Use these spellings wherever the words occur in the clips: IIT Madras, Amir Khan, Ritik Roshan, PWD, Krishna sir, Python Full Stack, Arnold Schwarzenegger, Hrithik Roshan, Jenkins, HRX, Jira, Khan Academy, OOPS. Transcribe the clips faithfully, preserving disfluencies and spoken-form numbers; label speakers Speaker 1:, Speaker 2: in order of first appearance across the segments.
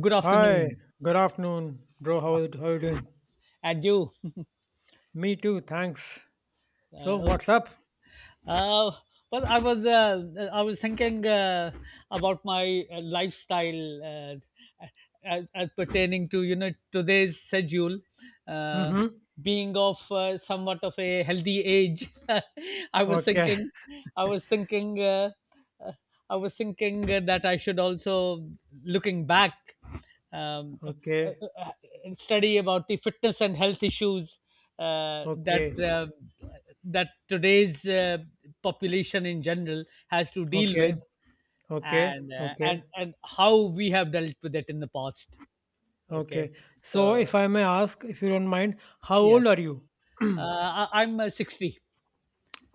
Speaker 1: Good
Speaker 2: Hi,
Speaker 1: afternoon,
Speaker 2: good afternoon, bro. How are, how are you doing?
Speaker 1: and you.
Speaker 2: Me too, thanks. So,
Speaker 1: Uh,
Speaker 2: what's
Speaker 1: okay.
Speaker 2: up?
Speaker 1: Uh, well, I was uh, I was thinking uh, about my uh, lifestyle uh, as, as pertaining to you know today's schedule, uh,
Speaker 2: Mm-hmm.
Speaker 1: being of uh, somewhat of a healthy age. I was
Speaker 2: Okay,
Speaker 1: thinking, I was thinking, uh, uh, I was thinking that I should also looking back. um, uh,
Speaker 2: okay,
Speaker 1: uh, uh, Study about the fitness and health issues uh, that
Speaker 2: okay,
Speaker 1: uh, that today's uh, population in general has to deal
Speaker 2: okay,
Speaker 1: with
Speaker 2: okay,
Speaker 1: and uh,
Speaker 2: okay,
Speaker 1: and and how we have dealt with it in the past. Okay.
Speaker 2: okay. So,
Speaker 1: so
Speaker 2: if I may ask, if you don't mind, how
Speaker 1: yeah
Speaker 2: old are you?
Speaker 1: uh, I, i'm uh, sixty.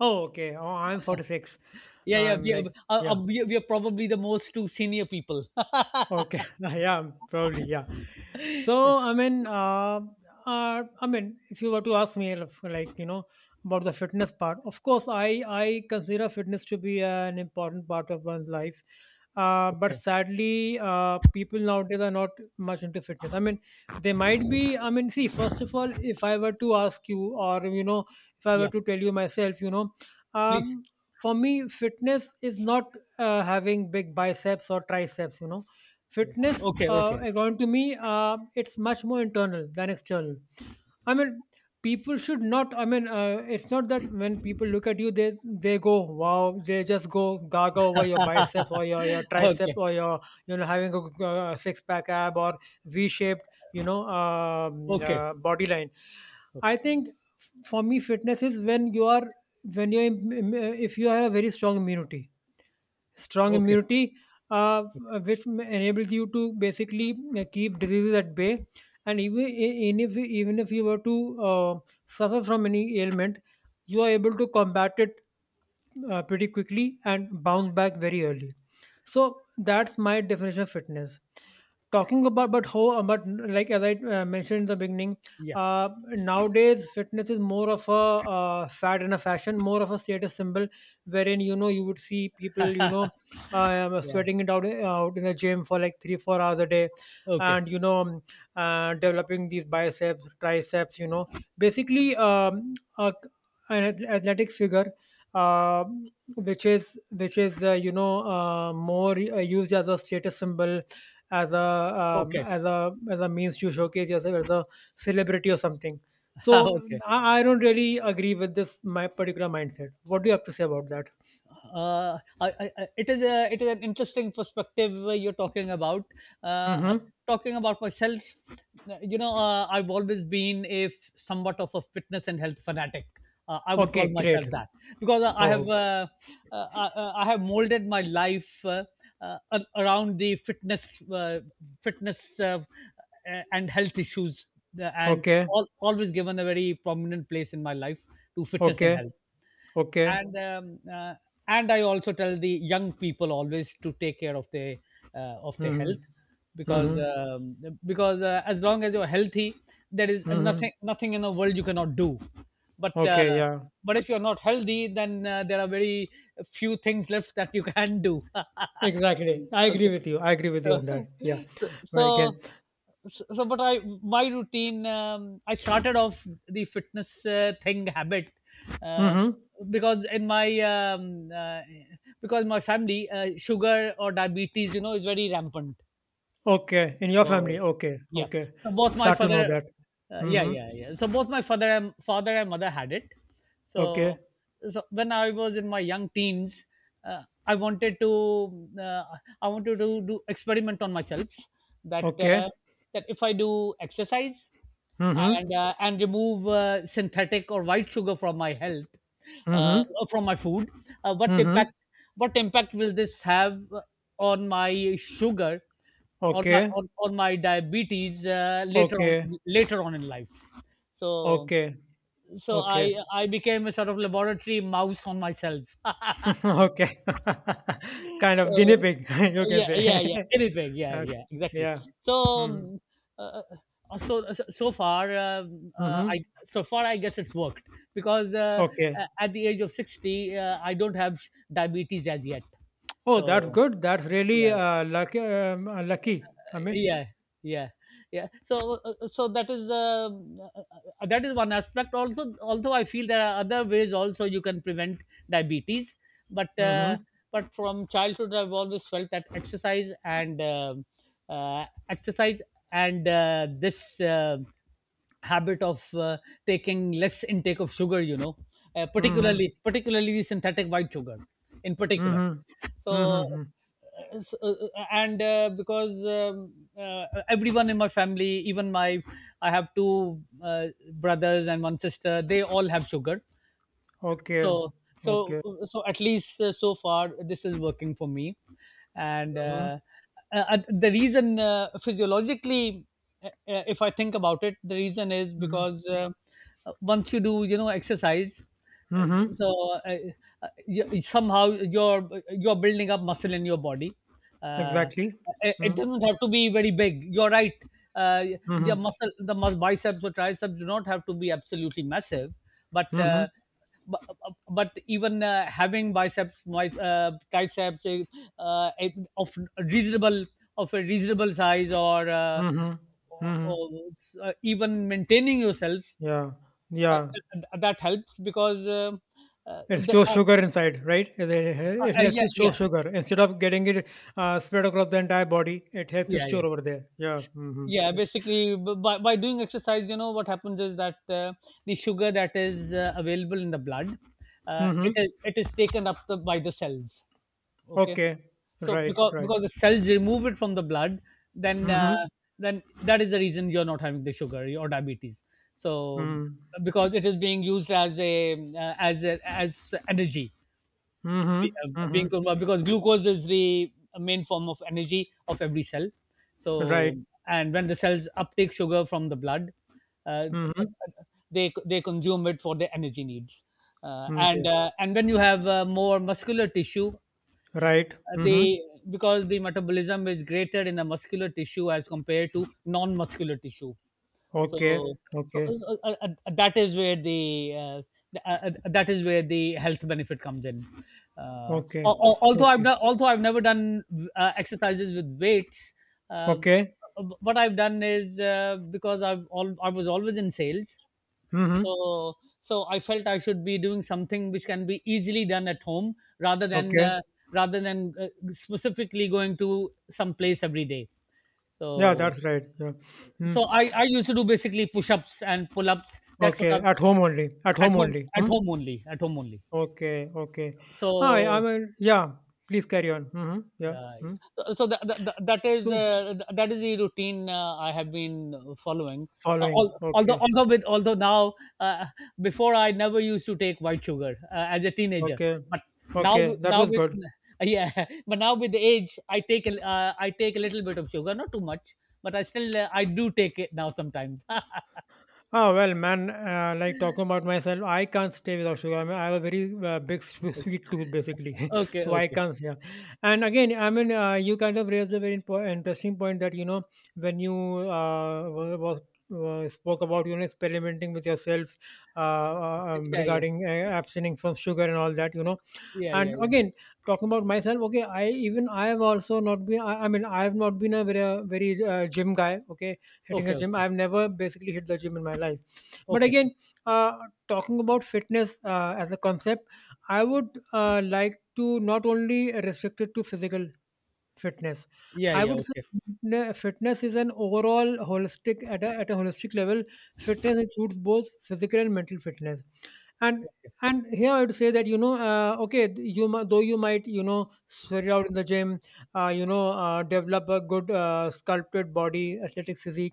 Speaker 2: Oh, okay. Oh, I'm forty-six.
Speaker 1: Yeah yeah
Speaker 2: I'm
Speaker 1: we are,
Speaker 2: like,
Speaker 1: uh,
Speaker 2: yeah,
Speaker 1: uh, we, are, we are probably the most two senior people.
Speaker 2: okay, yeah, probably, yeah.
Speaker 1: Yeah.
Speaker 2: So I mean, uh, uh, I mean, if you were to ask me, if, like you know, about the fitness part, of course, I I consider fitness to be an important part of one's life. Uh, but
Speaker 1: Okay.
Speaker 2: sadly, uh, people nowadays are not much into fitness. I mean, they might be. I mean, see, first of all, if I were to ask you, or you know, if I were
Speaker 1: Yeah,
Speaker 2: to tell you myself, you know,
Speaker 1: please.
Speaker 2: um, for me, fitness is not uh, having big biceps or triceps. You know,
Speaker 1: Yeah.
Speaker 2: fitness,
Speaker 1: Okay,
Speaker 2: uh,
Speaker 1: okay.
Speaker 2: according to me, uh, it's much more internal than external. I mean, people should not. I mean, uh, it's not that when people look at you, they they go, wow, they just go gaga over your biceps or your, your triceps
Speaker 1: Okay,
Speaker 2: or your you know having a uh six pack ab or V shaped you know um,
Speaker 1: okay,
Speaker 2: uh, body line.
Speaker 1: okay,
Speaker 2: I think f- for me, fitness is when you are when you are im- im- if you have a very strong immunity, strong
Speaker 1: okay.
Speaker 2: immunity, uh, which m- enables you to basically uh, keep diseases at bay. And even, e-, even if even if you were to uh, suffer from any ailment, you are able to combat it uh, pretty quickly and bounce back very early. So that's my definition of fitness. Talking about but how uh, but Like as i uh, mentioned in the beginning,
Speaker 1: Yeah.
Speaker 2: uh, nowadays fitness is more of a uh, fad and a fashion, more of a status symbol, wherein you know you would see people, you know uh,
Speaker 1: Yeah.
Speaker 2: sweating it out, out in the gym for like three four hours a day,
Speaker 1: Okay.
Speaker 2: and you know um, uh, developing these biceps triceps, you know basically um, a, an ath- athletic figure, uh, which is which is uh, you know uh, more uh, used as a status symbol, as a um,
Speaker 1: Okay.
Speaker 2: as a as a means to showcase yourself as a celebrity or something. So
Speaker 1: Okay.
Speaker 2: I, I don't really agree with this, my particular mindset. What do you have to say about that?
Speaker 1: Uh, I, I, I- it is a it is an interesting perspective, uh, you're talking about. Uh, uh,
Speaker 2: Mm-hmm.
Speaker 1: Talking about myself, uh, you know, uh, I've always been a f- somewhat of a fitness and health fanatic. Uh, I would call
Speaker 2: Okay,
Speaker 1: myself
Speaker 2: great.
Speaker 1: that because I have
Speaker 2: Oh,
Speaker 1: uh, uh, uh, I have molded my life uh, uh, ar- around the fitness uh, fitness uh, uh, and health issues, uh, and
Speaker 2: okay,
Speaker 1: al always given a very prominent place in my life to fitness and
Speaker 2: okay,
Speaker 1: health.
Speaker 2: okay.
Speaker 1: And um, uh, and I also tell the young people always to take care of their uh, of their
Speaker 2: Mm-hmm.
Speaker 1: health because
Speaker 2: Mm-hmm.
Speaker 1: um, because uh, as long as you're healthy, there is
Speaker 2: Mm-hmm.
Speaker 1: nothing nothing in the world you cannot do. But
Speaker 2: Okay,
Speaker 1: uh,
Speaker 2: yeah.
Speaker 1: but if you're not healthy, then uh, there are very few things left that you can do.
Speaker 2: Exactly. I agree
Speaker 1: Okay.
Speaker 2: with you. I agree with you
Speaker 1: So.
Speaker 2: on that. Yeah.
Speaker 1: so,
Speaker 2: But
Speaker 1: so
Speaker 2: again.
Speaker 1: so, so but I my routine, um, I started off the fitness uh, thing, habit, uh,
Speaker 2: Mm-hmm.
Speaker 1: because in my um, uh, because my family, uh, sugar or diabetes, you know, is very rampant.
Speaker 2: Okay. In your family.
Speaker 1: So.
Speaker 2: Okay.
Speaker 1: Yeah.
Speaker 2: Okay.
Speaker 1: So both my
Speaker 2: Start to know
Speaker 1: father,
Speaker 2: that.
Speaker 1: uh, yeah,
Speaker 2: Mm-hmm.
Speaker 1: yeah, yeah. So both my father and father and mother had it. So.
Speaker 2: Okay.
Speaker 1: So when I was in my young teens, uh, I wanted to uh, I wanted to do experiment on myself that uh,
Speaker 2: Okay.
Speaker 1: that if I do exercise
Speaker 2: Mm-hmm.
Speaker 1: and uh, and remove uh, synthetic or white sugar from my health uh,
Speaker 2: Mm-hmm.
Speaker 1: from my food, uh, what
Speaker 2: Mm-hmm.
Speaker 1: impact what impact will this have on my sugar on my
Speaker 2: Okay,
Speaker 1: on, on my diabetes, uh, later on
Speaker 2: okay,
Speaker 1: later on in life. so
Speaker 2: okay,
Speaker 1: so i
Speaker 2: okay,
Speaker 1: i became a sort of laboratory mouse on myself.
Speaker 2: okay. Kind of guinea
Speaker 1: So.
Speaker 2: pig, you can
Speaker 1: yeah
Speaker 2: say.
Speaker 1: yeah yeah anything. Yeah,
Speaker 2: Uh,
Speaker 1: yeah, exactly.
Speaker 2: Yeah.
Speaker 1: so
Speaker 2: Mm-hmm.
Speaker 1: um, uh, uh, so uh, so so far um, uh, I
Speaker 2: Mm-hmm.
Speaker 1: so far, I guess it's worked, because uh,
Speaker 2: Okay.
Speaker 1: uh, at the age of sixty, uh, I don't have diabetes as yet.
Speaker 2: Oh, that's
Speaker 1: So.
Speaker 2: good. That's really
Speaker 1: Yeah.
Speaker 2: uh, lucky. Um, uh, lucky. I mean.
Speaker 1: Yeah, yeah, yeah. So uh, so that is, um, uh, uh, that is one aspect also, although I feel there are other ways also you can prevent diabetes. but uh,
Speaker 2: Mm-hmm.
Speaker 1: but from childhood I've always felt that exercise and um uh, exercise and uh, this uh, habit of uh, taking less intake of sugar you know uh,
Speaker 2: Mm-hmm.
Speaker 1: particularly particularly the synthetic white sugar in particular.
Speaker 2: Mm-hmm. Mm-hmm.
Speaker 1: So
Speaker 2: mm-hmm.
Speaker 1: uh, so, uh, uh, and uh, because um, uh, everyone in my family, even my I have two uh, brothers and one sister, they all have sugar.
Speaker 2: Okay.
Speaker 1: So so.
Speaker 2: Okay.
Speaker 1: So at least, uh, so far this is working for me. and
Speaker 2: Mm-hmm.
Speaker 1: uh, uh, uh, the reason, uh, physiologically, uh, uh, if I think about it, the reason is
Speaker 2: Mm-hmm.
Speaker 1: because, uh, uh, once you do you know exercise, uh,
Speaker 2: Mm-hmm.
Speaker 1: so uh, uh, you, somehow you're you're building up muscle in your body. uh,
Speaker 2: Exactly.
Speaker 1: it, it
Speaker 2: Mm-hmm.
Speaker 1: doesn't have to be very big, you're right. uh, the
Speaker 2: Mm-hmm.
Speaker 1: muscle the mus- biceps or triceps do not have to be absolutely massive. but
Speaker 2: Mm-hmm.
Speaker 1: uh, but, uh, uh, but even, uh, having biceps, my uh, triceps, uh, of reasonable of a reasonable size, or, uh,
Speaker 2: Mm-hmm.
Speaker 1: or,
Speaker 2: mm-hmm.
Speaker 1: or uh, even maintaining yourself,
Speaker 2: Yeah.
Speaker 1: uh,
Speaker 2: Yeah.
Speaker 1: that, that helps, because um uh,
Speaker 2: It
Speaker 1: the,
Speaker 2: stores
Speaker 1: uh,
Speaker 2: sugar inside, right? It it- it
Speaker 1: uh,
Speaker 2: helps to
Speaker 1: yeah.
Speaker 2: store
Speaker 1: Yeah,
Speaker 2: sugar instead of getting it uh, spread across the entire body. It helps to
Speaker 1: yeah, yeah,
Speaker 2: store over there. Yeah.
Speaker 1: yeah,
Speaker 2: Mm-hmm.
Speaker 1: basically, b- by, by doing exercise, you know what happens is that, uh, the sugar that is uh, available in the blood, uh, it
Speaker 2: Mm-hmm.
Speaker 1: is it is taken up the, by the cells. Okay.
Speaker 2: Okay.
Speaker 1: So
Speaker 2: Right.
Speaker 1: because
Speaker 2: Right.
Speaker 1: because the cells remove it from the blood, then uh,
Speaker 2: Mm-hmm.
Speaker 1: then that is the reason you're not having the sugar or diabetes. So
Speaker 2: Mm-hmm.
Speaker 1: because it is being used as a uh, as a, as energy, be-
Speaker 2: Mm-hmm.
Speaker 1: uh, being
Speaker 2: Mm-hmm.
Speaker 1: converted, because glucose is the main form of energy of every cell.
Speaker 2: Right.
Speaker 1: So, and when the cells uptake sugar from the blood, uh,
Speaker 2: Mm-hmm.
Speaker 1: they they consume it for their energy needs. Uh, and
Speaker 2: Okay.
Speaker 1: uh, and when you have uh, more muscular tissue,
Speaker 2: Right.
Speaker 1: uh,
Speaker 2: Mm-hmm.
Speaker 1: they because the metabolism is greater in the muscular tissue as compared to non-muscular tissue. So,
Speaker 2: Okay.
Speaker 1: so uh,
Speaker 2: Okay.
Speaker 1: uh, uh, uh, uh, that is where the uh, the- uh, uh, that is where the health benefit comes in. Uh,
Speaker 2: Okay.
Speaker 1: al- al- although I've
Speaker 2: Okay.
Speaker 1: done, although I've never done uh, exercises with weights, uh,
Speaker 2: Okay.
Speaker 1: what I've done is, uh, because I've all I was always in sales.
Speaker 2: Mm-hmm.
Speaker 1: So, so I felt I should be doing something which can be easily done at home, rather than
Speaker 2: Okay.
Speaker 1: uh, rather than uh, specifically going to some place every day.
Speaker 2: Yeah,
Speaker 1: So,
Speaker 2: that's right. Yeah. Mm.
Speaker 1: so I, I used to do basically push-ups and pull-ups. That's what
Speaker 2: Okay.
Speaker 1: I.
Speaker 2: At home only. At
Speaker 1: at
Speaker 2: home
Speaker 1: home
Speaker 2: only.
Speaker 1: at
Speaker 2: Hmm?
Speaker 1: home only at home only.
Speaker 2: Okay, okay. Ah, I
Speaker 1: So.
Speaker 2: mean, yeah, please carry on. Hmm. Yeah.
Speaker 1: Uh,
Speaker 2: Mhm.
Speaker 1: so so that, that, that is
Speaker 2: So,
Speaker 1: uh, that is the routine uh, I have been following. Uh,
Speaker 2: following.
Speaker 1: al- although
Speaker 2: Okay,
Speaker 1: although with although now, uh, before I never used to take white sugar uh, as a teenager,
Speaker 2: okay,
Speaker 1: but now
Speaker 2: okay. That
Speaker 1: now
Speaker 2: was
Speaker 1: with
Speaker 2: good.
Speaker 1: yeah, But now with the age, I take a, uh, I take a little bit of sugar, not too much, but I still uh, I do take it now sometimes.
Speaker 2: Ah, well, man, uh, like talking about myself, I can't stay without sugar. I mean, I have a very uh, big sw-
Speaker 1: Okay,
Speaker 2: sweet tooth, basically.
Speaker 1: okay,
Speaker 2: So, I
Speaker 1: okay.
Speaker 2: can't, yeah. And again, I mean, uh, you kind of raised a very impo- interesting point that, you know, when you uh, wa- was, uh, spoke about, you know, experimenting with yourself uh, uh, um,
Speaker 1: Yeah, yeah,
Speaker 2: regarding uh, abstaining from sugar and all that, you know.
Speaker 1: yeah,
Speaker 2: And
Speaker 1: yeah, yeah.
Speaker 2: again, talking about myself, okay, i even i have also not been i, I mean I have not been a very uh, very uh, gym guy. Okay, hitting a
Speaker 1: Okay,
Speaker 2: gym,
Speaker 1: okay,
Speaker 2: I've never basically hit the gym in my life. But
Speaker 1: okay.
Speaker 2: again, uh, talking about fitness uh, as a concept, I would uh, like to not only restrict it to physical fitness.
Speaker 1: Yeah,
Speaker 2: I
Speaker 1: yeah.
Speaker 2: would say
Speaker 1: Okay,
Speaker 2: fitne- fitness is an overall holistic, at a, at a holistic level, fitness includes both physical and mental fitness. and
Speaker 1: okay.
Speaker 2: and here I would say that you know uh, okay th- you mi- though you might, you know, sweat it out in the gym, uh, you know uh, develop a good, uh, sculpted body, athletic physique,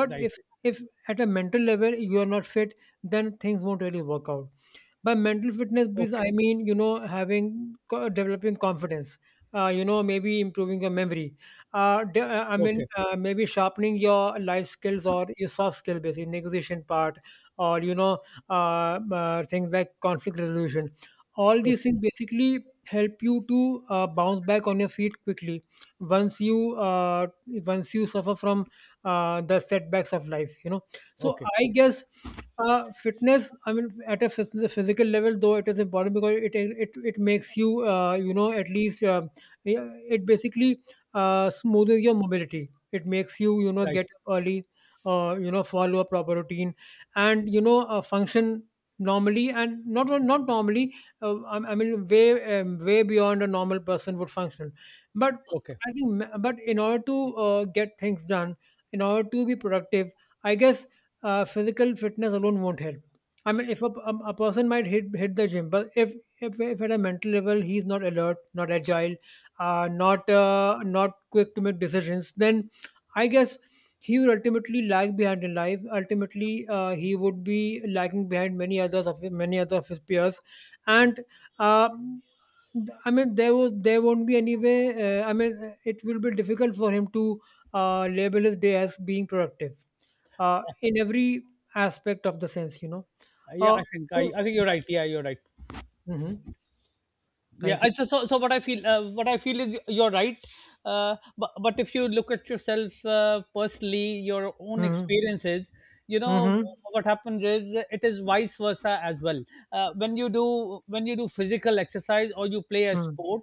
Speaker 2: but
Speaker 1: Right.
Speaker 2: if if at a mental level you are not fit, then things won't really work out. By mental fitness, because
Speaker 1: Okay,
Speaker 2: I mean, you know, having co- developing confidence, uh, you know, maybe improving your memory, uh, de- uh, i mean
Speaker 1: okay,
Speaker 2: uh, maybe sharpening your life skills or your soft skill, basically negotiation part, or you know uh, uh, things like conflict resolution. All these
Speaker 1: okay,
Speaker 2: things basically help you to uh, bounce back on your feet quickly, once you uh, once you suffer from uh, the setbacks of life, you know. So
Speaker 1: okay.
Speaker 2: I guess uh, fitness, I mean, at a phys- physical level, though it is important because it it, it makes you, uh, you know, at least uh, yeah, it basically uh, smoothens your mobility. It makes you, you know,
Speaker 1: Right.
Speaker 2: get up early, uh, you know, follow a proper routine, and, you know, uh, function normally and not not normally. Uh, I, I mean, way um, way beyond a normal person would function, but
Speaker 1: Okay.
Speaker 2: I think, ma- but in order to uh, get things done, in order to be productive, I guess uh, physical fitness alone won't help. I mean, if a, a, a person might hit hit the gym, but if, if if at a mental level he's not alert, not agile, uh, not uh, not quick to make decisions, then I guess he will ultimately lag behind in life. Ultimately, uh, he would be lagging behind many others of many other of his peers, and uh, I mean there was there won't be any way. Uh, I mean, it will be difficult for him to uh, label his day as being productive uh, in every aspect of the sense, you know.
Speaker 1: Yeah,
Speaker 2: Uh,
Speaker 1: I think I,
Speaker 2: so,
Speaker 1: I think you're right. Yeah, you're right.
Speaker 2: yeah. Mm-hmm.
Speaker 1: Yeah.
Speaker 2: Thank you.
Speaker 1: I, so so so what I feel uh, what I feel is you're right. Uh, but but if you look at yourself, uh, personally, your own
Speaker 2: Mm-hmm.
Speaker 1: experiences, you know
Speaker 2: Mm-hmm.
Speaker 1: what happens is it is vice versa as well. Uh, when you do when you do physical exercise or you play a
Speaker 2: Mm-hmm.
Speaker 1: sport.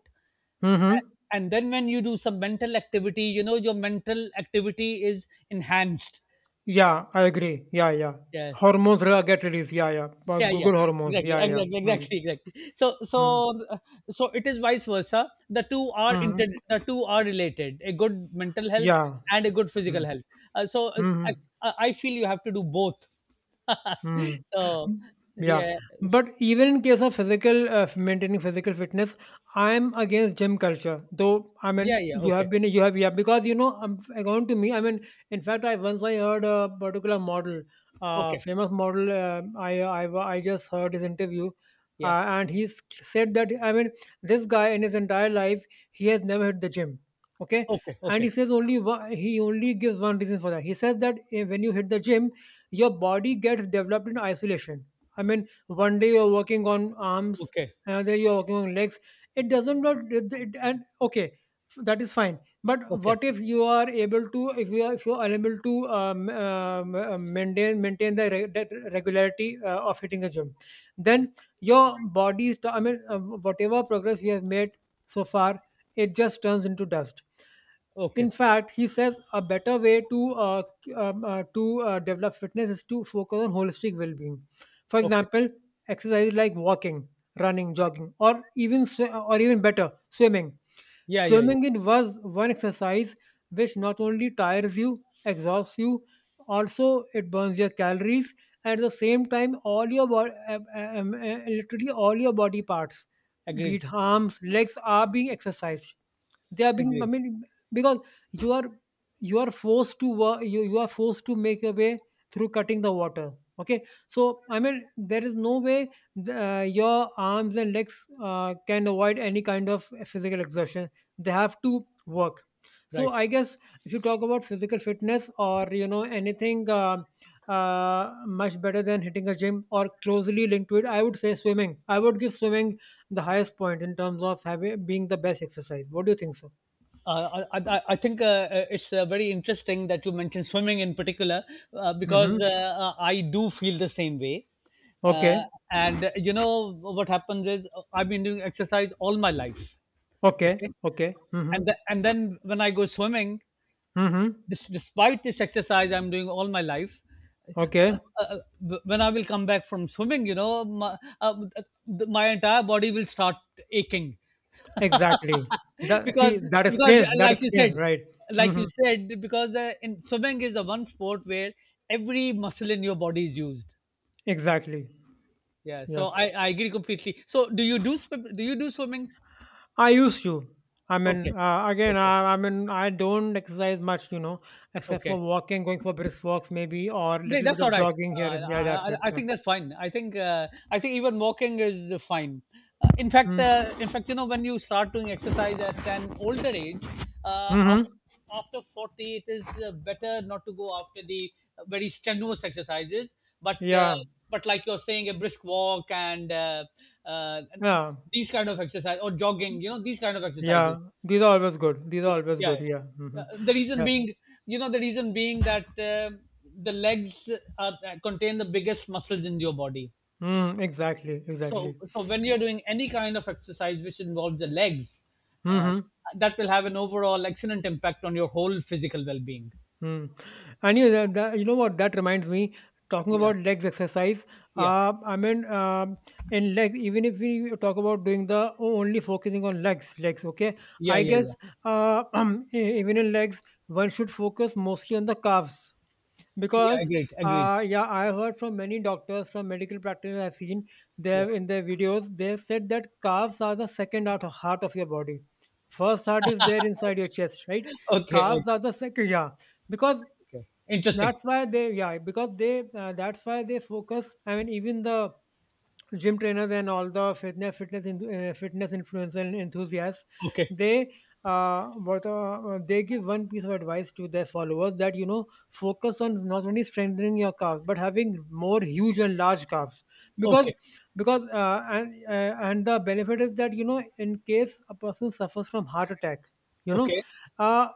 Speaker 2: Mm-hmm.
Speaker 1: a- And then when you do some mental activity, you know your mental activity is enhanced.
Speaker 2: Yeah, I agree. Yeah, yeah.
Speaker 1: Yeah.
Speaker 2: Hormones re- get released. Yeah, yeah. But
Speaker 1: Yeah, yeah,
Speaker 2: Google hormones.
Speaker 1: exactly,
Speaker 2: Yeah, yeah.
Speaker 1: exactly,
Speaker 2: Mm-hmm.
Speaker 1: exactly, exactly. so so
Speaker 2: Mm-hmm.
Speaker 1: uh, so it is vice versa, the two are
Speaker 2: Mm-hmm.
Speaker 1: inter the two are related, a good mental health
Speaker 2: Yeah.
Speaker 1: and a good physical
Speaker 2: Mm-hmm.
Speaker 1: health. uh, so uh,
Speaker 2: Mm-hmm.
Speaker 1: I, I I feel you have to do both.
Speaker 2: Hmm.
Speaker 1: So.
Speaker 2: Mm, yeah,
Speaker 1: Yeah,
Speaker 2: but even in case of physical uh, f- maintaining physical fitness, I'm against gym culture. Though I mean,
Speaker 1: yeah, yeah.
Speaker 2: you
Speaker 1: Okay,
Speaker 2: have been you have yeah, because you know um, according to me, I mean, in fact, I once I heard a particular model, uh,
Speaker 1: okay.
Speaker 2: famous model. Uh, I I I just heard his interview,
Speaker 1: Yeah.
Speaker 2: uh, and he s- said that I mean, this guy in his entire life he has never hit the gym. Okay,
Speaker 1: Okay,
Speaker 2: and he
Speaker 1: okay,
Speaker 2: says only one, he only gives one reason for that. He says that eh, when you hit the gym your body gets developed in isolation. I mean, one day you're working on arms,
Speaker 1: okay,
Speaker 2: another day you're working on legs. It doesn't, not it, it- and okay, f- that is fine. But
Speaker 1: okay,
Speaker 2: what if you are able to, if you are, if you are unable to um, um, uh, maintain maintain the re- that regularity uh, of hitting a gym, then your body. I mean, uh, whatever progress you have made so far, it just turns into dust. In
Speaker 1: okay,
Speaker 2: fact, he says a better way to uh, c- um, uh, to uh, develop fitness is to focus on holistic well-being. For
Speaker 1: okay.
Speaker 2: example, exercise like walking, running, jogging, or even sw- or even better, swimming.
Speaker 1: Yeah, yeah, yeah.
Speaker 2: Swimming, it was one exercise which not only tires you, exhausts you, also it burns your calories, and at the same time, all your body, literally all your body parts, be
Speaker 1: Agreed,
Speaker 2: it arms, legs, are being exercised. They are being, I
Speaker 1: agreed.
Speaker 2: mean, because you are you are forced to work, you, you are forced to make a way through cutting the water. Okay, so I mean, there is no way uh, your arms and legs uh, can avoid any kind of physical exertion. They have to work. So
Speaker 1: Right.
Speaker 2: I guess, if you talk about physical fitness or, you know, anything, um uh, much better than hitting a gym or closely linked to it, I would say swimming. I would give swimming the highest point in terms of having being the best exercise. What do you think so?
Speaker 1: Uh, I, I I think, uh, uh, it's uh, very interesting that you mentioned swimming in particular, uh, because uh,
Speaker 2: Mhm.
Speaker 1: uh, I do feel the same way. Uh,
Speaker 2: Okay.
Speaker 1: and uh, you know what happens is, uh, I've been doing exercise all my life,
Speaker 2: Okay.
Speaker 1: okay,
Speaker 2: Okay.
Speaker 1: and
Speaker 2: Mhm.
Speaker 1: the, and then when I go swimming,
Speaker 2: Mhm.
Speaker 1: Dis despite this exercise I'm doing all my life, uh,
Speaker 2: Okay.
Speaker 1: uh, uh, when I will come back from swimming, you know, my, uh, th- my entire body will start aching.
Speaker 2: Exactly. That
Speaker 1: because
Speaker 2: see that
Speaker 1: because
Speaker 2: explains,
Speaker 1: uh,
Speaker 2: that
Speaker 1: like you
Speaker 2: explains,
Speaker 1: said,
Speaker 2: right.
Speaker 1: like you
Speaker 2: Mhm.
Speaker 1: said, because, uh, in swimming is the one sport where every muscle in your body is used.
Speaker 2: Exactly.
Speaker 1: Yeah,
Speaker 2: Yeah.
Speaker 1: so I, I agree completely. So do you do swim? Do you do swimming?
Speaker 2: I used to. I
Speaker 1: Okay,
Speaker 2: mean, uh, again,
Speaker 1: okay,
Speaker 2: I, I mean, I don't exercise much, you know, except
Speaker 1: okay.
Speaker 2: for walking, going for brisk walks, maybe, or a
Speaker 1: Th-
Speaker 2: little bit
Speaker 1: That's
Speaker 2: of
Speaker 1: all right.
Speaker 2: jogging here
Speaker 1: Uh,
Speaker 2: and
Speaker 1: I,
Speaker 2: yeah, that's
Speaker 1: I
Speaker 2: it.
Speaker 1: I
Speaker 2: Yeah.
Speaker 1: think that's fine. I think uh, I think even walking is uh, fine. Uh, in fact,
Speaker 2: Mm-hmm.
Speaker 1: uh, in fact, you know, when you start doing exercise at an older age, uh, after,
Speaker 2: Mm-hmm.
Speaker 1: after forty, it is uh, better not to go after the very strenuous exercises. But uh,
Speaker 2: Yeah.
Speaker 1: but like you're saying, a brisk walk and uh, uh,
Speaker 2: Yeah.
Speaker 1: these kind of exercise or jogging, you know, these kind of
Speaker 2: Yeah.
Speaker 1: exercises.
Speaker 2: These are always good. These
Speaker 1: Yeah,
Speaker 2: are always
Speaker 1: yeah,
Speaker 2: good. Yeah. Mm-hmm.
Speaker 1: yeah. Uh, The reason
Speaker 2: Yeah.
Speaker 1: being, you know, the reason being that uh, the legs are, uh, contain the biggest muscles in your body.
Speaker 2: Mm, exactly.
Speaker 1: So,
Speaker 2: Exactly.
Speaker 1: so when you're doing any kind of exercise which involves the legs, uh,
Speaker 2: Mm-hmm.
Speaker 1: that will have an overall excellent impact on your whole physical well-being.
Speaker 2: Hmm. And you, that, that, you know what? That reminds me. Talking
Speaker 1: Yeah,
Speaker 2: about legs exercise,
Speaker 1: yeah,
Speaker 2: uh, I mean, um, in legs, even if we talk about doing the only focusing on legs, legs, okay.
Speaker 1: yeah,
Speaker 2: I
Speaker 1: yeah, yeah.
Speaker 2: guess uh, e- even in legs, one should focus mostly on the calves
Speaker 1: Yeah,
Speaker 2: because,
Speaker 1: agreed, agreed.
Speaker 2: uh, yeah, I have heard from many doctors, from medical practitioners I've seen
Speaker 1: Yeah.
Speaker 2: there in their videos. They have said that calves are the second heart heart of your body. First heart is there inside your
Speaker 1: Okay,
Speaker 2: chest, right?
Speaker 1: okay,
Speaker 2: Calves are
Speaker 1: okay,
Speaker 2: the second, yeah, because
Speaker 1: okay. Interesting.
Speaker 2: that's why they yeah because they uh, that's why they focus. I mean, even the gym trainers and all the fitness fitness in, uh, fitness influencers and enthusiasts,
Speaker 1: Okay,
Speaker 2: they uh, what uh, uh, they give one piece of advice to their followers that you know, focus on not only strengthening your calves but having more huge and large calves because
Speaker 1: okay,
Speaker 2: because uh, and uh, and the benefit is that, you know, in case a person suffers from heart attack, you know,
Speaker 1: okay,
Speaker 2: uh,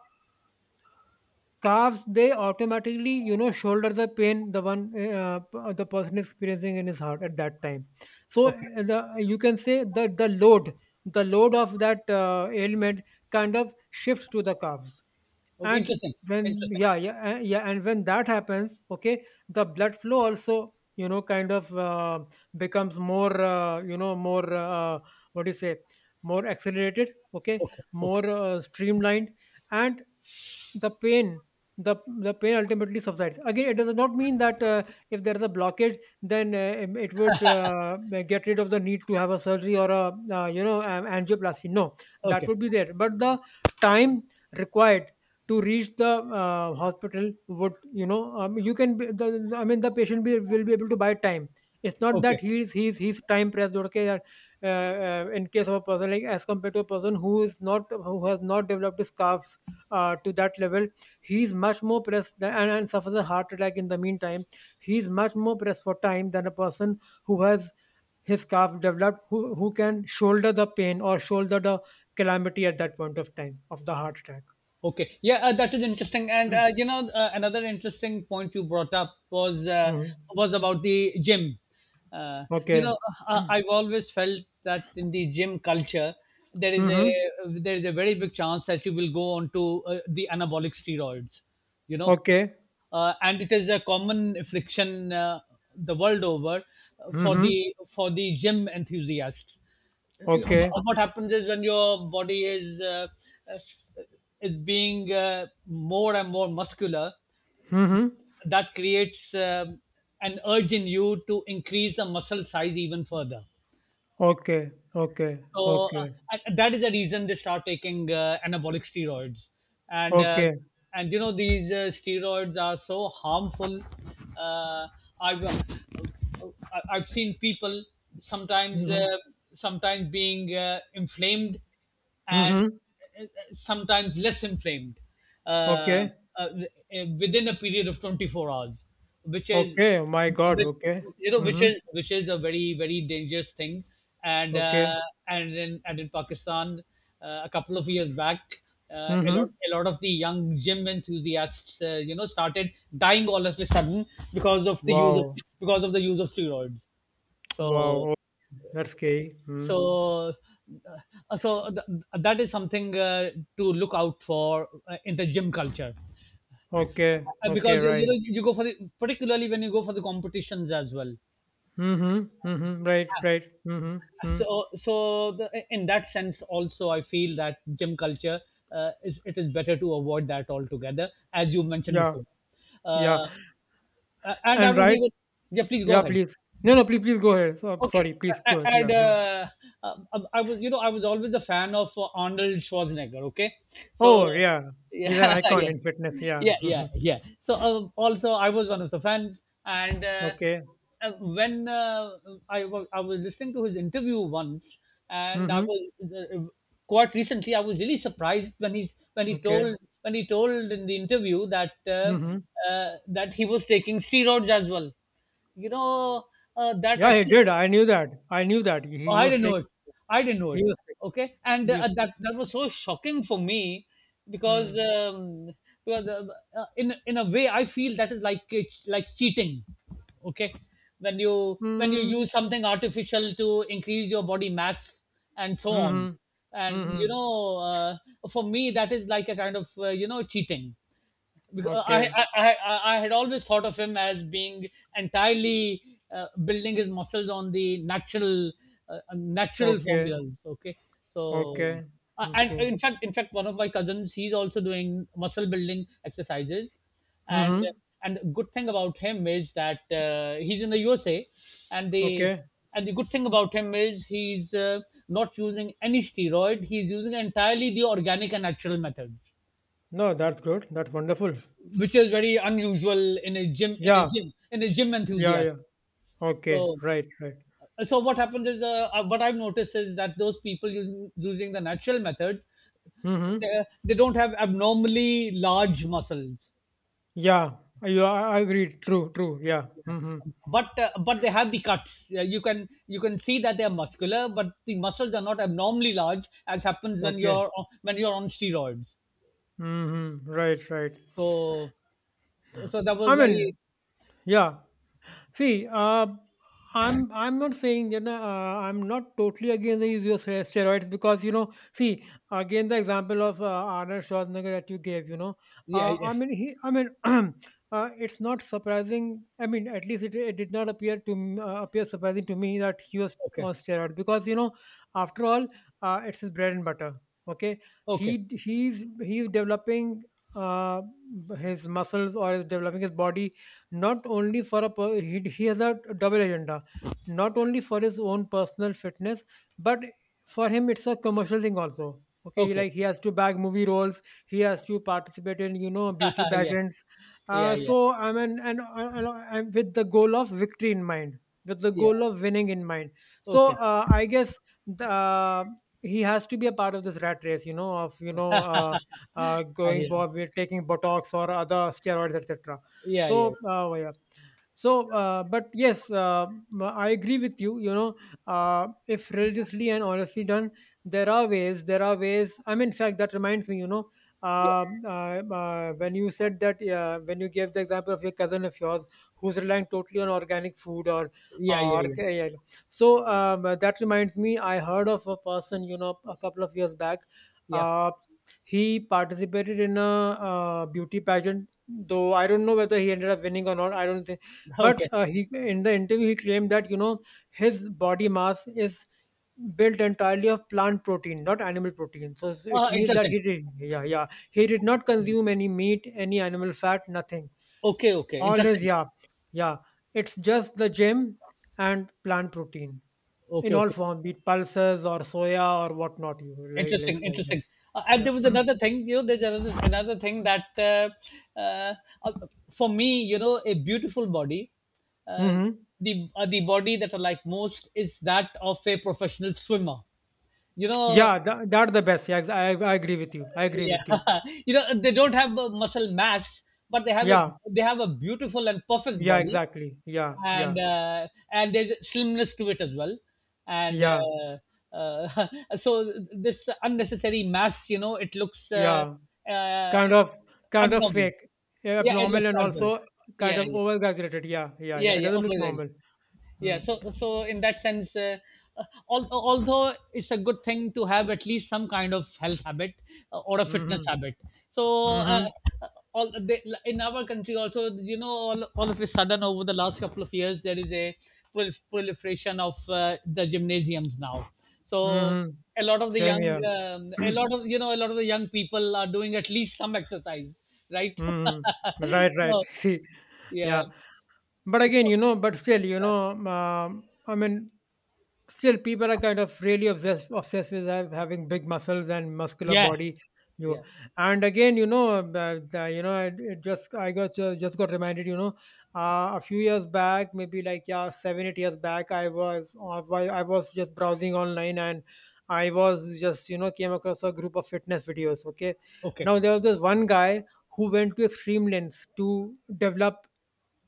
Speaker 2: calves, they automatically, you know, shoulder the pain the one uh, p- the person is experiencing in his heart at that time. So
Speaker 1: okay,
Speaker 2: uh, the, you can say that the load, the load of that uh, ailment kind of shifts to the calves.
Speaker 1: okay.
Speaker 2: And
Speaker 1: Interesting,
Speaker 2: when
Speaker 1: interesting.
Speaker 2: yeah yeah uh, yeah, and when that happens, okay, the blood flow also, you know, kind of uh, becomes more uh, you know, more uh, what do you say, more accelerated, okay,
Speaker 1: Okay, okay,
Speaker 2: more uh, streamlined, and the pain, the the pain ultimately subsides. Again, it does not mean that uh, if there is a blockage, then uh, um, it would uh, get rid of the need to have a surgery or a uh, you know, um, angioplasty. No, that
Speaker 1: okay,
Speaker 2: would be there, but the time required to reach the uh, hospital would, you know, um, you can be, the, the- I mean, the patient be, will be able to buy time. It's not that
Speaker 1: okay.
Speaker 2: he's he's he's time pressed. Okay, that uh, uh, in case of a person like as compared to a person who is not, who has not developed his calves uh, to that level. He's much more pressed than, and, and suffers a heart attack in the meantime. He's much more pressed for time than a person who has his calf developed, who, who can shoulder the pain or shoulder the calamity at that point of time of the heart attack.
Speaker 1: Okay, yeah, uh, that is interesting. And uh, you know, uh, another interesting point you brought up was uh,
Speaker 2: Mm-hmm.
Speaker 1: was about the gym. Uh, you
Speaker 2: Okay.
Speaker 1: know, uh, uh, I've always felt that in the gym culture, there is
Speaker 2: Mm-hmm.
Speaker 1: a there is a very big chance that you will go on to uh, the anabolic steroids. You know,
Speaker 2: Okay.
Speaker 1: uh, and it is a common affliction uh, the world over uh, for
Speaker 2: Mm-hmm.
Speaker 1: the for the gym enthusiasts you.
Speaker 2: Okay.
Speaker 1: What happens is when your body is uh, uh, is being uh, more and more muscular,
Speaker 2: Mm-hmm.
Speaker 1: that creates um an urge in you to increase the muscle size even further.
Speaker 2: Okay. Okay.
Speaker 1: So
Speaker 2: Okay.
Speaker 1: uh, and that is the reason they start taking uh, anabolic steroids, and uh,
Speaker 2: Okay.
Speaker 1: and you know these uh, steroids are so harmful. Uh, I've I- I've seen people sometimes uh,
Speaker 2: Mm-hmm.
Speaker 1: sometimes being uh, inflamed and
Speaker 2: Mm-hmm.
Speaker 1: uh, uh, sometimes less inflamed uh, uh,
Speaker 2: Okay.
Speaker 1: uh, within a period of twenty-four hours which is
Speaker 2: Okay. Oh my God.
Speaker 1: which,
Speaker 2: Okay.
Speaker 1: you know which
Speaker 2: Mm-hmm.
Speaker 1: is which is a very very dangerous thing and
Speaker 2: Okay.
Speaker 1: uh, and in and in pakistan uh, a couple of years back uh, a lot
Speaker 2: Mm-hmm.
Speaker 1: a lot of the young gym enthusiasts uh, you know started dying all of a sudden because of the use of
Speaker 2: Wow.
Speaker 1: because of the use of steroids. so
Speaker 2: Wow. That's gay. Mm.
Speaker 1: so uh, so th- that is something uh, to look out for uh, in the gym culture.
Speaker 2: Okay.
Speaker 1: Uh,
Speaker 2: Okay.
Speaker 1: because you
Speaker 2: Right.
Speaker 1: know you go for the particularly when you go for the competitions as well.
Speaker 2: Mm-hmm. Mm-hmm. Right. Right. Mm-hmm. Mm.
Speaker 1: so so the, in that sense also I feel that gym culture uh, is it is better to avoid that altogether, as you mentioned
Speaker 2: Yeah.
Speaker 1: before.
Speaker 2: Yeah.
Speaker 1: uh, uh, and I
Speaker 2: And
Speaker 1: was
Speaker 2: right.
Speaker 1: even, yeah, please go
Speaker 2: Yeah.
Speaker 1: ahead.
Speaker 2: Please. No. No. Please. Please go ahead. So,
Speaker 1: Okay,
Speaker 2: sorry. Please
Speaker 1: A-
Speaker 2: go ahead.
Speaker 1: and
Speaker 2: Yeah. Mm.
Speaker 1: uh, um, um, I was, you know, I was always a fan of uh, Arnold Schwarzenegger. Okay, so
Speaker 2: Oh. Yeah. He's an
Speaker 1: yeah,
Speaker 2: icon
Speaker 1: yeah,
Speaker 2: in fitness. Yeah.
Speaker 1: yeah,
Speaker 2: Mm-hmm.
Speaker 1: yeah, yeah. So um, also, I was one of the fans, and uh,
Speaker 2: Okay.
Speaker 1: uh, when uh, I was I was listening to his interview once, and I
Speaker 2: Mm-hmm.
Speaker 1: was uh, uh, quite recently, I was really surprised when he's when he
Speaker 2: Okay.
Speaker 1: told when he told in the interview that uh,
Speaker 2: Mm-hmm.
Speaker 1: uh, that he was taking steroids as well, you know, uh, that
Speaker 2: Yeah. He
Speaker 1: abs-
Speaker 2: did. I knew that. I knew that. He,
Speaker 1: Oh,
Speaker 2: he
Speaker 1: I
Speaker 2: was
Speaker 1: didn't know
Speaker 2: taking.
Speaker 1: it. I didn't know
Speaker 2: He
Speaker 1: it.
Speaker 2: was. Take,
Speaker 1: Okay, and
Speaker 2: he was.
Speaker 1: uh,
Speaker 2: Take.
Speaker 1: that that was so shocking for me because
Speaker 2: Mm.
Speaker 1: um, because uh, uh, in in a way I feel that is like it's like cheating. Okay, when you when you
Speaker 2: Mm.
Speaker 1: use something artificial to increase your body mass and so
Speaker 2: Mm-hmm.
Speaker 1: on, and you
Speaker 2: Mm-hmm.
Speaker 1: know uh, for me that is like a kind of uh, you know cheating, because I,
Speaker 2: Okay.
Speaker 1: I I I had always thought of him as being entirely uh, building his muscles on the natural uh, natural
Speaker 2: Okay.
Speaker 1: formulas. Okay, so
Speaker 2: Okay.
Speaker 1: uh, and
Speaker 2: Okay.
Speaker 1: in fact, in fact, one of my cousins, he's also doing muscle building exercises, and
Speaker 2: Mm-hmm.
Speaker 1: and the good thing about him is that uh, he's in the U S A, and the
Speaker 2: Okay.
Speaker 1: and the good thing about him is he's uh, not using any steroid. He's using entirely the organic and natural methods,
Speaker 2: No, that's good. That's wonderful.
Speaker 1: which is very unusual in a gym in a
Speaker 2: Yeah,
Speaker 1: gym in a gym
Speaker 2: yeah, yeah.
Speaker 1: enthusiast.
Speaker 2: Okay,
Speaker 1: so
Speaker 2: right, right.
Speaker 1: so what happens is uh, uh, what I've noticed is that those people using, using the natural methods,
Speaker 2: Mm-hmm.
Speaker 1: they, they don't have abnormally large muscles.
Speaker 2: Yeah, you, I I agree. True, true. Yeah.
Speaker 1: Yeah.
Speaker 2: Mm-hmm.
Speaker 1: but uh, but they have the cuts. Yeah, you can you can see that they're muscular, but the muscles are not abnormally large as happens when
Speaker 2: Okay.
Speaker 1: you're on, when you're on steroids.
Speaker 2: Mm-hmm. Right, right.
Speaker 1: So so that
Speaker 2: I
Speaker 1: was very
Speaker 2: mean, yeah. See, uh, I'm I'm not saying, you know, uh, I'm not totally against the use of ster- steroids because, you know, see, again, the example of uh, Arnold Schwarzenegger that you gave, you know,
Speaker 1: yeah
Speaker 2: uh,
Speaker 1: yeah
Speaker 2: I mean he I mean uh, it's not surprising. I mean, at least it, it did not appear to m- uh, appear surprising to me that he was
Speaker 1: okay
Speaker 2: on steroid because, you know, after all, uh, it's his bread and butter. Okay,
Speaker 1: okay
Speaker 2: he he's he's developing uh, his muscles or is developing his body not only for a per- he, he has a double agenda, not only for his own personal fitness, but for him it's a commercial thing also. Okay, he,
Speaker 1: okay
Speaker 2: like, he has to bag movie roles. He has to participate in, you know, beauty
Speaker 1: yeah
Speaker 2: pageants.
Speaker 1: yeah
Speaker 2: uh,
Speaker 1: yeah
Speaker 2: so i mean and, and, and with the goal of victory in mind, with the
Speaker 1: yeah.
Speaker 2: goal of winning in mind. So
Speaker 1: Okay.
Speaker 2: uh, I guess the, uh, he has to be a part of this rat race, you know, of, you know, uh, uh,
Speaker 1: I
Speaker 2: going
Speaker 1: hear.
Speaker 2: for taking botox or other steroids, etc.
Speaker 1: Yeah, yeah,
Speaker 2: so, uh, yeah, so uh, but yes, uh, m- I agree with you, you know, uh, if religiously and honestly done, there are ways, there are ways. I mean, in fact, that reminds me, you know,
Speaker 1: yeah,
Speaker 2: uh, uh, uh, when you said that, uh, when you gave the example of your cousin of yours who's relying totally on organic food or
Speaker 1: yeah, yeah,
Speaker 2: or
Speaker 1: yeah,
Speaker 2: yeah. So um, that reminds me, I heard of a person, you know, a couple of years back.
Speaker 1: yeah.
Speaker 2: uh, he participated in a uh, beauty pageant, though I don't know whether he ended up winning or not. I don't think. But
Speaker 1: Okay.
Speaker 2: uh, he, in the interview, he claimed that, you know, his body mass is built entirely of plant protein, not animal protein. So s- it
Speaker 1: Uh,
Speaker 2: means that
Speaker 1: interesting.
Speaker 2: he did, yeah, yeah, he did not consume any meat, any animal fat, nothing.
Speaker 1: Okay, okay.
Speaker 2: All his,
Speaker 1: Interesting.
Speaker 2: yeah, yeah, it's just the gym and plant protein
Speaker 1: Okay,
Speaker 2: in all
Speaker 1: okay.
Speaker 2: form, be it pulses or soya or whatnot, you know, like like
Speaker 1: Interesting,
Speaker 2: like that.
Speaker 1: interesting. Uh, and
Speaker 2: Yeah.
Speaker 1: there was another thing, you know, there's another, another thing that uh, uh, uh, for me, you know, a beautiful body, uh,
Speaker 2: Hmm.
Speaker 1: the uh, the body that I like most is that of a professional swimmer. You know,
Speaker 2: Yeah, that, that's the best. Yeah, ex- I, I agree with you. I agree with you.
Speaker 1: yeah, you know, they don't have a muscle mass, but they have a
Speaker 2: Yeah,
Speaker 1: they have a beautiful and perfect
Speaker 2: yeah,
Speaker 1: body,
Speaker 2: exactly. Yeah, yeah,
Speaker 1: and uh, and there's slimness to it as well, and
Speaker 2: yeah.
Speaker 1: uh, uh, so this unnecessary mass, you know, it looks uh,
Speaker 2: Yeah,
Speaker 1: uh,
Speaker 2: kind of kind of
Speaker 1: abnormal.
Speaker 2: fake, yeah,
Speaker 1: Yeah, it
Speaker 2: abnormal,
Speaker 1: looks
Speaker 2: and
Speaker 1: abnormal.
Speaker 2: also kind
Speaker 1: Yeah,
Speaker 2: of
Speaker 1: yeah,
Speaker 2: over-exaggerated. Yeah, yeah,
Speaker 1: yeah,
Speaker 2: yeah. It
Speaker 1: yeah,
Speaker 2: doesn't
Speaker 1: okay,
Speaker 2: look
Speaker 1: right.
Speaker 2: normal.
Speaker 1: Yeah
Speaker 2: Mm.
Speaker 1: so so in that sense uh, uh, al- although it's a good thing to have at least some kind of health habit uh, or a
Speaker 2: Mhm.
Speaker 1: fitness habit, so uh,
Speaker 2: Mhm.
Speaker 1: all the, in our country also, you know, all, all of a sudden over the last couple of years there is a prol- proliferation of uh, the gymnasiums now. So
Speaker 2: Mhm.
Speaker 1: a lot of the
Speaker 2: Same
Speaker 1: young
Speaker 2: here.
Speaker 1: um, a lot of, you know, a lot of the young people are doing at least some exercise, right?
Speaker 2: Mhm. Right, right.
Speaker 1: So
Speaker 2: See,
Speaker 1: yeah.
Speaker 2: yeah. But
Speaker 1: So,
Speaker 2: again, you know, but still, you
Speaker 1: yeah
Speaker 2: know, um, I mean, still people are kind of really obsessed obsessed with ha- having big muscles and muscular
Speaker 1: yeah
Speaker 2: body.
Speaker 1: yeah
Speaker 2: You and again, you know, um, uh, the- you know, I- it just, I got uh, just got reminded, you know, uh, a few years back, maybe like, yeah, seven eight years back, I was uh, why- I was just browsing online, and I was just, you know, came across a group of fitness videos. Okay,
Speaker 1: okay.
Speaker 2: now there was this one guy who went to extreme lengths to develop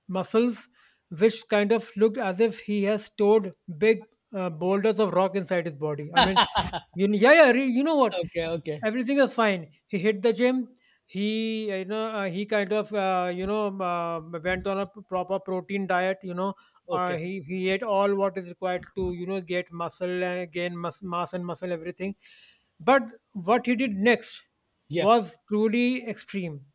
Speaker 2: muscles, which kind of looked as if he has stored big uh, boulders of rock inside his body. I mean, you, yeah, yeah, re- you know what?
Speaker 1: Okay, okay,
Speaker 2: Everything is fine. He hit the gym. He, you know, uh, he kind of, uh, you know, um, uh, went on a p- proper protein diet. You know, uh,
Speaker 1: okay.
Speaker 2: he he ate all what is required to, you know, get muscle and gain mus- mass and muscle, everything. But what he did next
Speaker 1: Yeah,
Speaker 2: was truly extreme.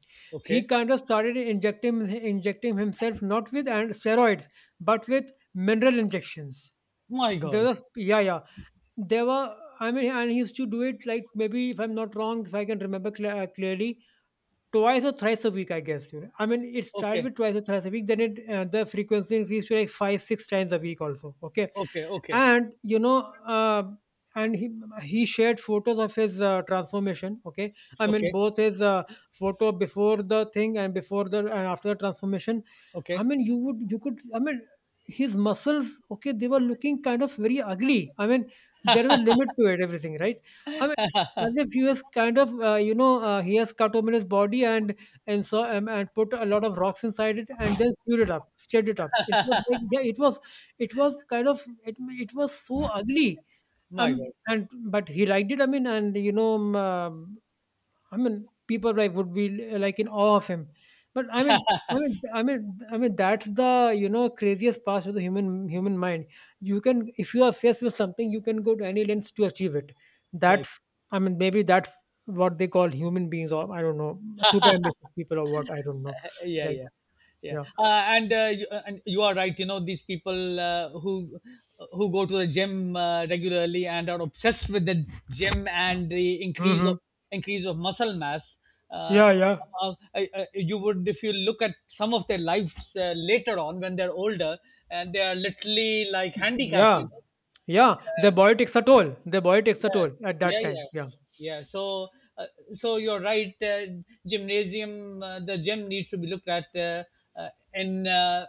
Speaker 2: He
Speaker 1: okay.
Speaker 2: kind of started injecting injecting himself, not with and steroids, but with mineral injections.
Speaker 1: My
Speaker 2: There
Speaker 1: God.
Speaker 2: was, yeah, yeah, there were, I mean, and he used to do it like maybe, if I'm not wrong, if I can remember cl- uh, clearly, twice or thrice a week, I guess. You know, I mean, it started
Speaker 1: Okay,
Speaker 2: with twice or thrice a week. Then it, uh, the frequency increased to like five, six times a week also. Okay,
Speaker 1: okay, okay,
Speaker 2: and you know, uh, and he he shared photos of his uh, transformation. Okay, I mean,
Speaker 1: okay,
Speaker 2: both his uh, photo before the thing and before the and after the transformation. I
Speaker 1: okay.
Speaker 2: mean, you would, you could, I mean, his muscles. Okay, they were looking kind of very ugly. I mean, there is a limit to it. Everything, right? I As if he was kind of uh, you know, uh, he has cut open his body and and so, um, and put a lot of rocks inside it and then sewed it up, stirred it up. It's not like, yeah, it was, it was kind of it, it was so ugly,
Speaker 1: My
Speaker 2: um
Speaker 1: God.
Speaker 2: and but he liked it. I mean, and you know, um, uh, I mean, people, like, would be like in awe of him. But I mean, I mean, I mean, I mean, that's the, you know, craziest part of the human human mind. You can, if you are obsessed with something, you can go to any lengths to achieve it.
Speaker 1: Right.
Speaker 2: That's, I mean, maybe that's what they call human beings, or I don't know, super ambitious people, or what, I don't know,
Speaker 1: Yeah,
Speaker 2: like
Speaker 1: yeah,
Speaker 2: that.
Speaker 1: yeah.
Speaker 2: Yeah.
Speaker 1: Uh, and uh, You, uh, and you are right. You know these people uh, who who go to the gym uh, regularly and are obsessed with the gym and the increase
Speaker 2: Mm-hmm.
Speaker 1: of increase of muscle mass. Uh,
Speaker 2: Yeah. Yeah.
Speaker 1: uh, I- I- you would if you look at some of their lives uh, later on when they're older, and they are literally like handicapped, you
Speaker 2: Yeah.
Speaker 1: know?
Speaker 2: Yeah. Their
Speaker 1: Uh,
Speaker 2: body takes a toll. Their body takes a toll at
Speaker 1: yeah,
Speaker 2: that
Speaker 1: yeah,
Speaker 2: time. Yeah.
Speaker 1: yeah. So uh, so you're right, uh, gymnasium, uh, the gym needs to be looked at uh, uh, in uh,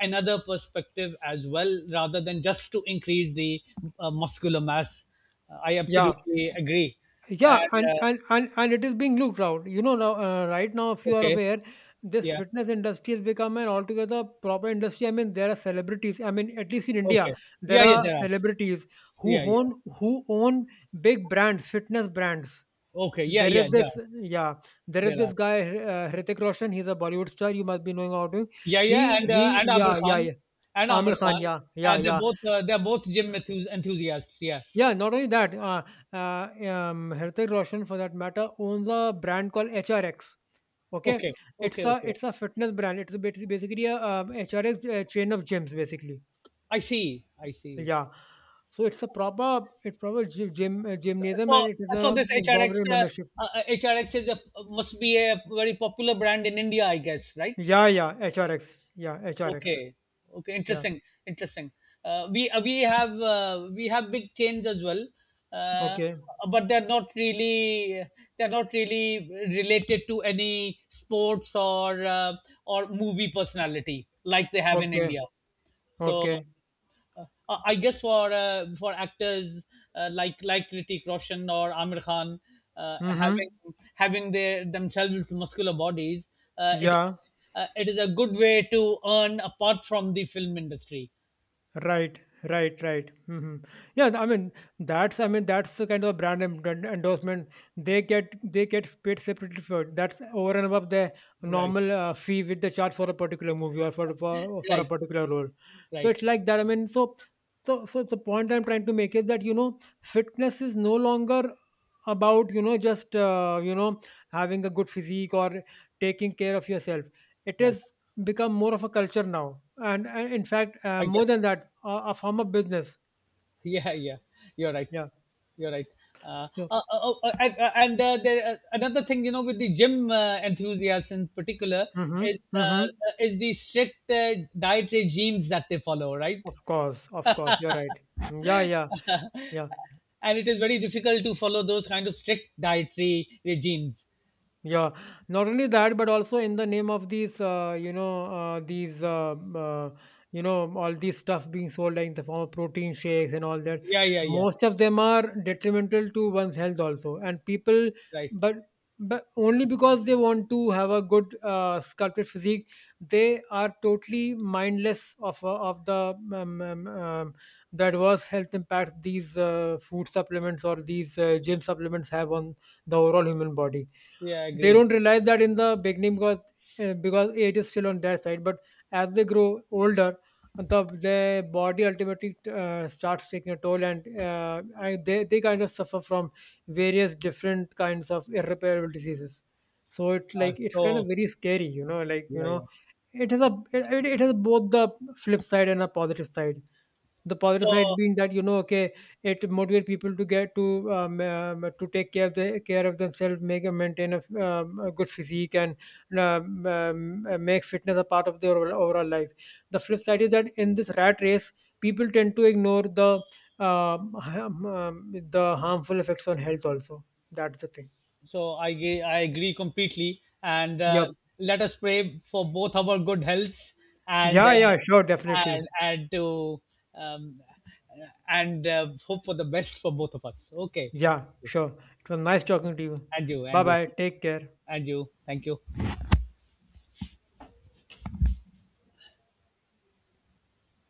Speaker 1: another perspective as well, rather than just to increase the uh, muscular mass. Uh, I
Speaker 2: Yeah.
Speaker 1: absolutely agree,
Speaker 2: Yeah,
Speaker 1: and
Speaker 2: and
Speaker 1: uh,
Speaker 2: and and, and it is being looked out, you know, now uh, right now, if you are
Speaker 1: okay.
Speaker 2: aware, this
Speaker 1: Yeah,
Speaker 2: fitness industry has become an altogether proper industry. I mean, there are celebrities, I mean, at least in India,
Speaker 1: okay,
Speaker 2: there
Speaker 1: yeah, yeah,
Speaker 2: are
Speaker 1: there are.
Speaker 2: celebrities who
Speaker 1: Yeah, yeah,
Speaker 2: own, who own big brands, fitness brands.
Speaker 1: okay, yeah,
Speaker 2: There is
Speaker 1: yeah, there
Speaker 2: this,
Speaker 1: are,
Speaker 2: yeah, there is
Speaker 1: there
Speaker 2: this
Speaker 1: are.
Speaker 2: guy, uh, Hrithik Roshan. He's a Bollywood star. You must be knowing about him.
Speaker 1: Yeah
Speaker 2: He
Speaker 1: yeah and
Speaker 2: he
Speaker 1: uh, and amir
Speaker 2: Yeah, yeah,
Speaker 1: khan,
Speaker 2: yeah.
Speaker 1: and
Speaker 2: Amir
Speaker 1: amir
Speaker 2: Khan,
Speaker 1: khan
Speaker 2: yeah,
Speaker 1: uh,
Speaker 2: yeah,
Speaker 1: they're
Speaker 2: yeah.
Speaker 1: both uh, they're both gym enthu- enthusiasts, yeah.
Speaker 2: Yeah, not only that, uh, uh, um, Hrithik Roshan, for that matter, owns a brand called H R X. Okay,
Speaker 1: Okay,
Speaker 2: it's
Speaker 1: okay,
Speaker 2: a
Speaker 1: okay.
Speaker 2: it's a fitness brand. It's basically, basically a um, H R X uh, chain of gyms, basically.
Speaker 1: I see, I see.
Speaker 2: Yeah, so it's a proper, it's proper gy- gym, uh, gymnasium,
Speaker 1: So,
Speaker 2: and it is
Speaker 1: so
Speaker 2: a
Speaker 1: this H R X,
Speaker 2: exorbitant
Speaker 1: uh,
Speaker 2: membership.
Speaker 1: uh, H R X is a must be a very popular brand in India, I guess, right?
Speaker 2: Yeah, yeah, H R X. Yeah, H R X.
Speaker 1: Okay, okay,
Speaker 2: Yeah.
Speaker 1: interesting, interesting. Uh, we uh, we have uh, we have big chains as well, uh,
Speaker 2: Okay.
Speaker 1: but they're not really they're not really related to any sports or uh, or movie personality like they have in
Speaker 2: Okay.
Speaker 1: India. So
Speaker 2: Okay.
Speaker 1: uh, I guess for uh, for actors uh, like like Ritik Roshan or Amir Khan, uh,
Speaker 2: Mm-hmm.
Speaker 1: having having their themselves muscular bodies, uh, it
Speaker 2: Yeah.
Speaker 1: uh, it is a good way to earn apart from the film industry.
Speaker 2: Right, right, right. Hmm. Yeah, I mean, that's, I mean, that's the kind of brand en- en- endorsement they get. They get paid separately for it. That's over and above the
Speaker 1: Right,
Speaker 2: normal uh, fee with the charge for a particular movie or for for for a
Speaker 1: right,
Speaker 2: particular role. So
Speaker 1: right,
Speaker 2: it's like that. I mean, so so so the point I'm trying to make is that, you know, fitness is no longer about, you know, just uh, you know, having a good physique or taking care of yourself. It
Speaker 1: right.
Speaker 2: has become more of a culture now, and, and in fact, uh,
Speaker 1: I
Speaker 2: more
Speaker 1: guess.
Speaker 2: than that, a a form of business.
Speaker 1: Yeah, yeah, you're right.
Speaker 2: Yeah.
Speaker 1: You're right. Uh,
Speaker 2: Yeah.
Speaker 1: uh, uh, oh, uh, and uh, and, uh, There, uh, another thing, you know, with the gym uh, enthusiasts in particular, is
Speaker 2: Mhm.
Speaker 1: uh,
Speaker 2: Mhm.
Speaker 1: uh, is the strict uh, diet regimes that they follow, right?
Speaker 2: Of course. Of course. You're right. Mm, Yeah. Yeah. Yeah.
Speaker 1: And it is very difficult to follow those kind of strict dietary regimes.
Speaker 2: Yeah, not only that, but also in the name of these, uh, you know, uh, these, uh, uh, you know, all these stuff being sold like in the form of protein shakes and all that.
Speaker 1: Yeah, yeah, yeah.
Speaker 2: Most of them are detrimental to one's health also, and people,
Speaker 1: Right.
Speaker 2: but but only because they want to have a good uh, sculpted physique, they are totally mindless of uh, of the um, um, um, the adverse health impact these uh, food supplements or these uh, gym supplements have on the overall human body.
Speaker 1: Yeah, I
Speaker 2: They
Speaker 1: agree.
Speaker 2: don't realize that in the beginning because uh, because age is still on their side, but as they grow older, the, their body ultimately uh, starts taking a toll, and uh, and they, they kind of suffer from various different kinds of irreparable diseases. So it's
Speaker 1: Uh,
Speaker 2: like, it's kind of
Speaker 1: so,
Speaker 2: very scary, you know, like, you
Speaker 1: yeah,
Speaker 2: know,
Speaker 1: yeah.
Speaker 2: it has a it, it has both the flip side and a positive side. The positive side
Speaker 1: So,
Speaker 2: being that, you know, okay, it motivates people to get to um, um, to take care of the care of themselves, make and maintain a, f- um, a good physique and um, um, uh, make fitness a part of their overall overall life. The flip side is that in this rat race, people tend to ignore the um, um, um, the harmful effects on health also. That's the thing.
Speaker 1: So I ge- I agree completely, and uh,
Speaker 2: Yep.
Speaker 1: let us pray for both our good healths, and
Speaker 2: Yeah,
Speaker 1: uh,
Speaker 2: yeah, sure, definitely.
Speaker 1: and and to um, and uh, hope for the best for both of us. Okay,
Speaker 2: Yeah, sure, it was nice talking to you.
Speaker 1: and you,
Speaker 2: Bye
Speaker 1: and you,
Speaker 2: bye take care.
Speaker 1: and you. Thank you.